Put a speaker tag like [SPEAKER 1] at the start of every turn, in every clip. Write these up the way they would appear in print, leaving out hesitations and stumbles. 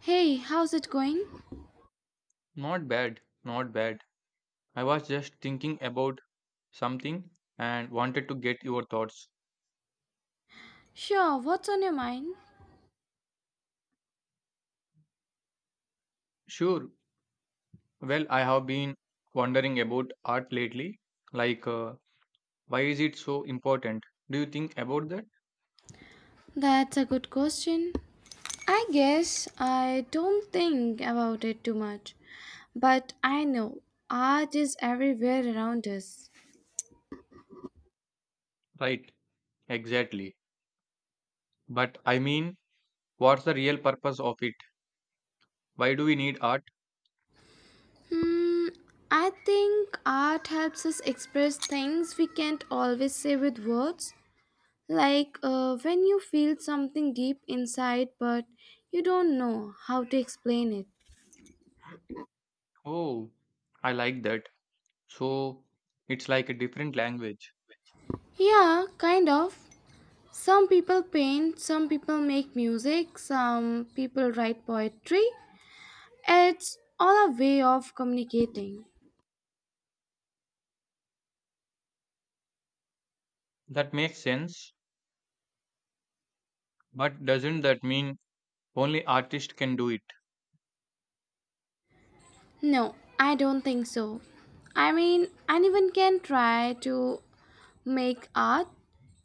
[SPEAKER 1] Hey, how's it going?
[SPEAKER 2] Not bad, not bad. I was just thinking about something and wanted to get your thoughts.
[SPEAKER 1] Sure, what's on your mind?
[SPEAKER 2] Sure. Well, I have been wondering about art lately. Like, uh, why is it so important? Do you think about that?
[SPEAKER 1] That's a good question. I guess I don't think about it too much, but I know art is everywhere around us.
[SPEAKER 2] Right, exactly. But I mean, what's the real purpose of it? Why do we need art?
[SPEAKER 1] Hmm, I think art helps us express things we can't always say with words. Like when you feel something deep inside, but you don't know how to explain it.
[SPEAKER 2] Oh, I like that. So, it's like a different language.
[SPEAKER 1] Yeah, kind of. Some people paint, some people make music, some people write poetry. It's all a way of communicating.
[SPEAKER 2] That makes sense. But doesn't that mean only artists can do it?
[SPEAKER 1] No, I don't think so. I mean, anyone can try to make art.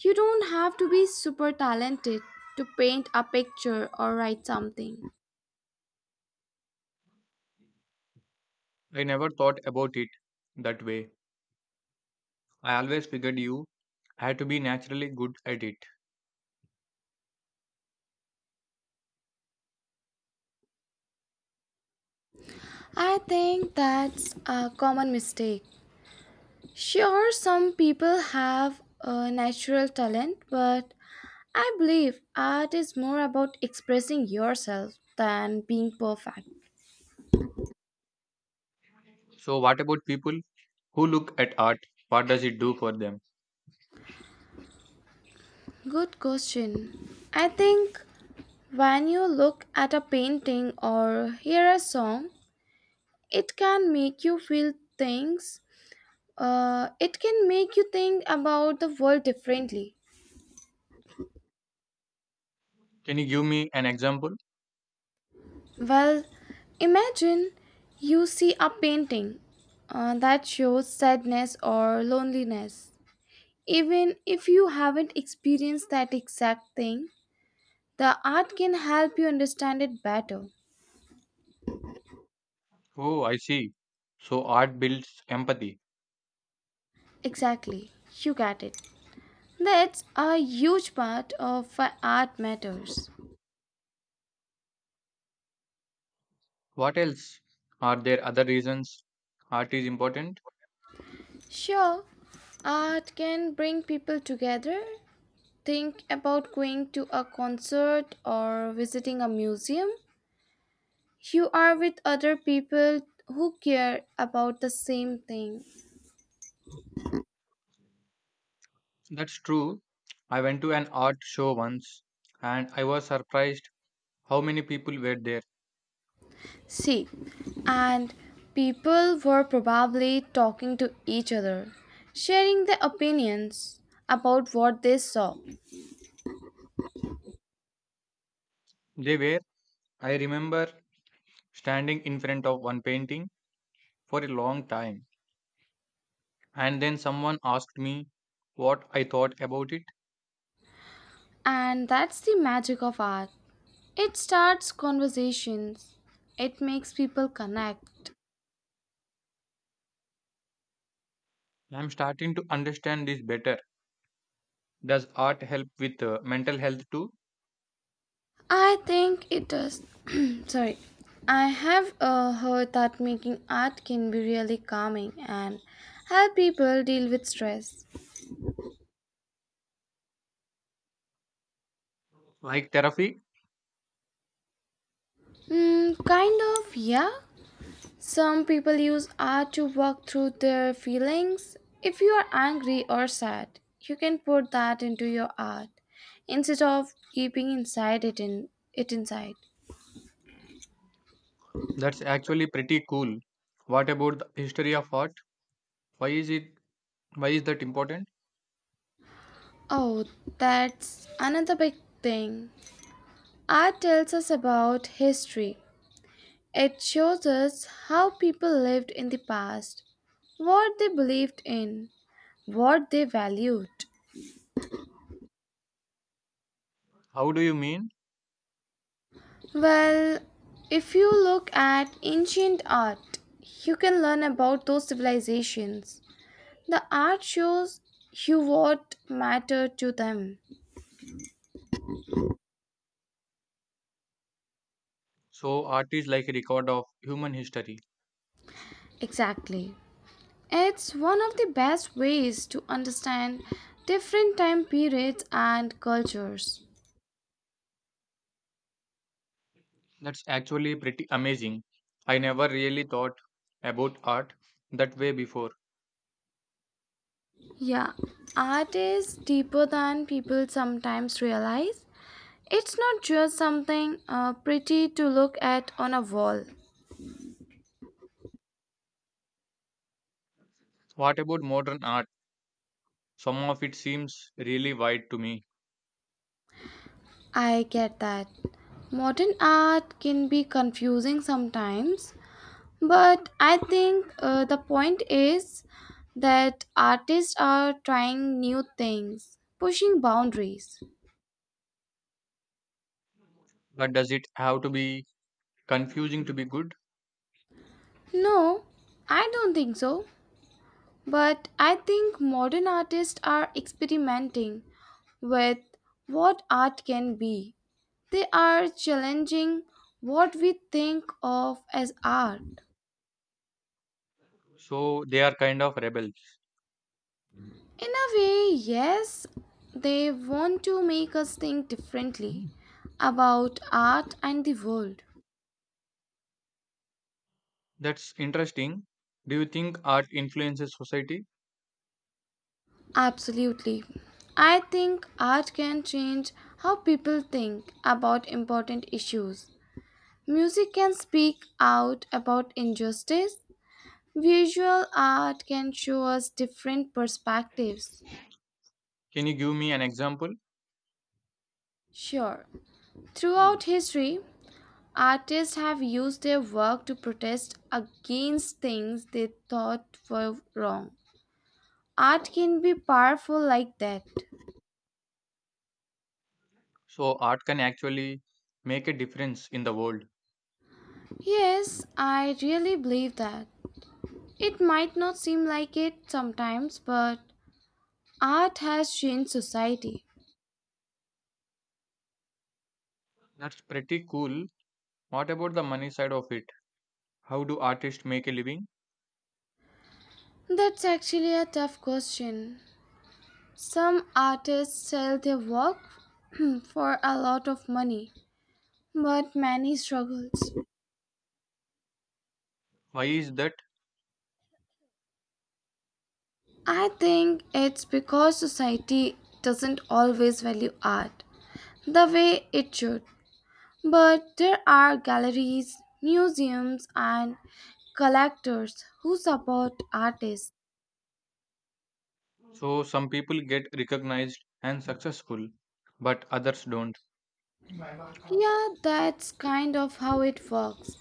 [SPEAKER 1] You don't have to be super talented to paint a picture or write something.
[SPEAKER 2] I never thought about it that way. I always figured you had to be naturally good at it.
[SPEAKER 1] I think that's a common mistake. Sure, some people have a natural talent, but I believe art is more about expressing yourself than being perfect.
[SPEAKER 2] So, what about people who look at art? What does it do for them?
[SPEAKER 1] Good question. I think when you look at a painting or hear a song, it can make you feel things. It can make you think about the world differently.
[SPEAKER 2] Can you give me an example?
[SPEAKER 1] Well, imagine you see a painting that shows sadness or loneliness. Even if you haven't experienced that exact thing, the art can help you understand it better.
[SPEAKER 2] Oh, I see. So, art builds empathy.
[SPEAKER 1] Exactly, you got it. That's a huge part of why art matters.
[SPEAKER 2] What else? Are there other reasons art is important?
[SPEAKER 1] Sure, art can bring people together. Think about going to a concert or visiting a museum. You are with other people who care about the same thing.
[SPEAKER 2] That's true. I went to an art show once and I was surprised how many people were there.
[SPEAKER 1] See, and people were probably talking to each other, sharing their opinions about what they saw.
[SPEAKER 2] They were, I remember, standing in front of one painting for a long time. And then someone asked me what I thought about it.
[SPEAKER 1] And that's the magic of art. It starts conversations, it makes people connect.
[SPEAKER 2] I'm starting to understand this better. Does art help with mental health too?
[SPEAKER 1] I think it does. Sorry. I have heard that making art can be really calming and help people deal with stress.
[SPEAKER 2] Like therapy?
[SPEAKER 1] Mm, kind of, yeah. Some people use art to work through their feelings. If you are angry or sad, you can put that into your art instead of keeping inside it inside.
[SPEAKER 2] That's actually pretty cool. What about the history of art? Why is it why is that important?
[SPEAKER 1] Oh, that's another big thing. Art tells us about history. It shows us how people lived in the past, what they believed in, what they valued.
[SPEAKER 2] How do you mean?
[SPEAKER 1] Well, if you look at ancient art, you can learn about those civilizations. The art shows you what mattered to them.
[SPEAKER 2] So art is like a record of human history.
[SPEAKER 1] Exactly. It's one of the best ways to understand different time periods and cultures.
[SPEAKER 2] That's actually pretty amazing. I never really thought about art that way before.
[SPEAKER 1] Yeah, art is deeper than people sometimes realize. It's not just something pretty to look at on a wall.
[SPEAKER 2] What about modern art? Some of it seems really wide to me.
[SPEAKER 1] I get that. Modern art can be confusing sometimes, but I think the point is that artists are trying new things, pushing boundaries.
[SPEAKER 2] But does it have to be confusing to be good?
[SPEAKER 1] No, I don't think so. But I think modern artists are experimenting with what art can be. They are challenging what we think of as art.
[SPEAKER 2] So they are kind of rebels.
[SPEAKER 1] In a way, yes, they want to make us think differently about art and the world.
[SPEAKER 2] That's interesting. Do you think art influences society?
[SPEAKER 1] Absolutely. I think art can change how people think about important issues. Music can speak out about injustice, visual art can show us different perspectives.
[SPEAKER 2] Can you give me an example?
[SPEAKER 1] Sure, throughout history, artists have used their work to protest against things they thought were wrong. Art can be powerful like that.
[SPEAKER 2] So art can actually make a difference in the world.
[SPEAKER 1] Yes, I really believe that. It might not seem like it sometimes, but art has changed society.
[SPEAKER 2] That's pretty cool. What about the money side of it? How do artists make a living?
[SPEAKER 1] That's actually a tough question. Some artists sell their work for a lot of money, but many struggles.
[SPEAKER 2] Why is that?
[SPEAKER 1] I think it's because society doesn't always value art the way it should. But there are galleries, museums, and collectors who support artists.
[SPEAKER 2] So some people get recognized and successful, but others don't.
[SPEAKER 1] Yeah, that's kind of how it works.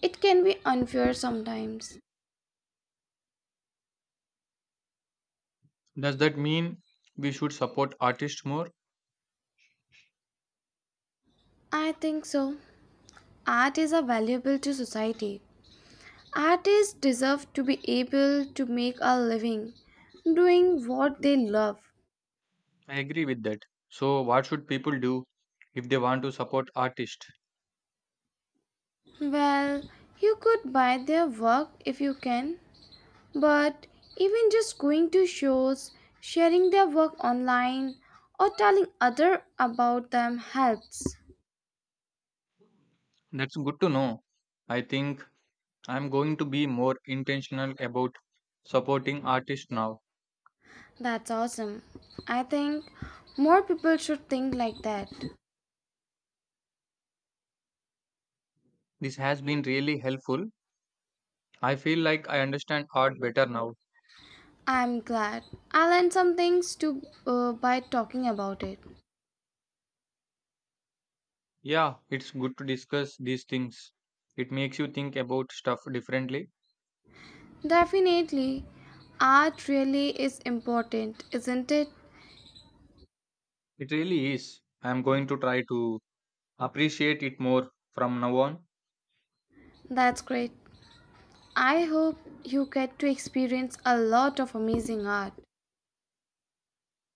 [SPEAKER 1] It can be unfair sometimes.
[SPEAKER 2] Does that mean we should support artists more?
[SPEAKER 1] I think so. Art is a valuable to society, artists deserve to be able to make a living doing what they love.
[SPEAKER 2] I agree with that. So what should people do if they want to support artists?
[SPEAKER 1] Well, you could buy their work if you can, but even just going to shows, sharing their work online, or telling other about them helps.
[SPEAKER 2] That's good to know. I think I'm going to be more intentional about supporting artists now.
[SPEAKER 1] That's awesome. I think more people should think like that.
[SPEAKER 2] This has been really helpful. I feel like I understand art better now.
[SPEAKER 1] I'm glad I learned some things to by talking about it.
[SPEAKER 2] Yeah, it's good to discuss these things. It makes you think about stuff differently.
[SPEAKER 1] Definitely. Art really is important, isn't it?
[SPEAKER 2] It really is. I'm going to try to appreciate it more from now on.
[SPEAKER 1] That's great. I hope you get to experience a lot of amazing art.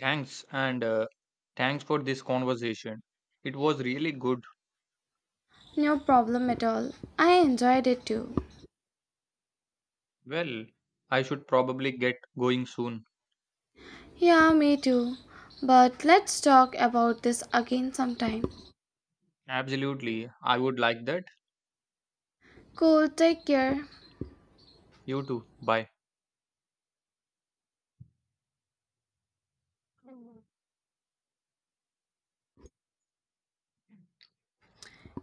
[SPEAKER 2] Thanks and thanks for this conversation. It was really good.
[SPEAKER 1] No problem at all. I enjoyed it too.
[SPEAKER 2] Well, I should probably get going soon.
[SPEAKER 1] Yeah, me too. But let's talk about this again sometime.
[SPEAKER 2] Absolutely. I would like that.
[SPEAKER 1] Cool, take care.
[SPEAKER 2] You too. Bye.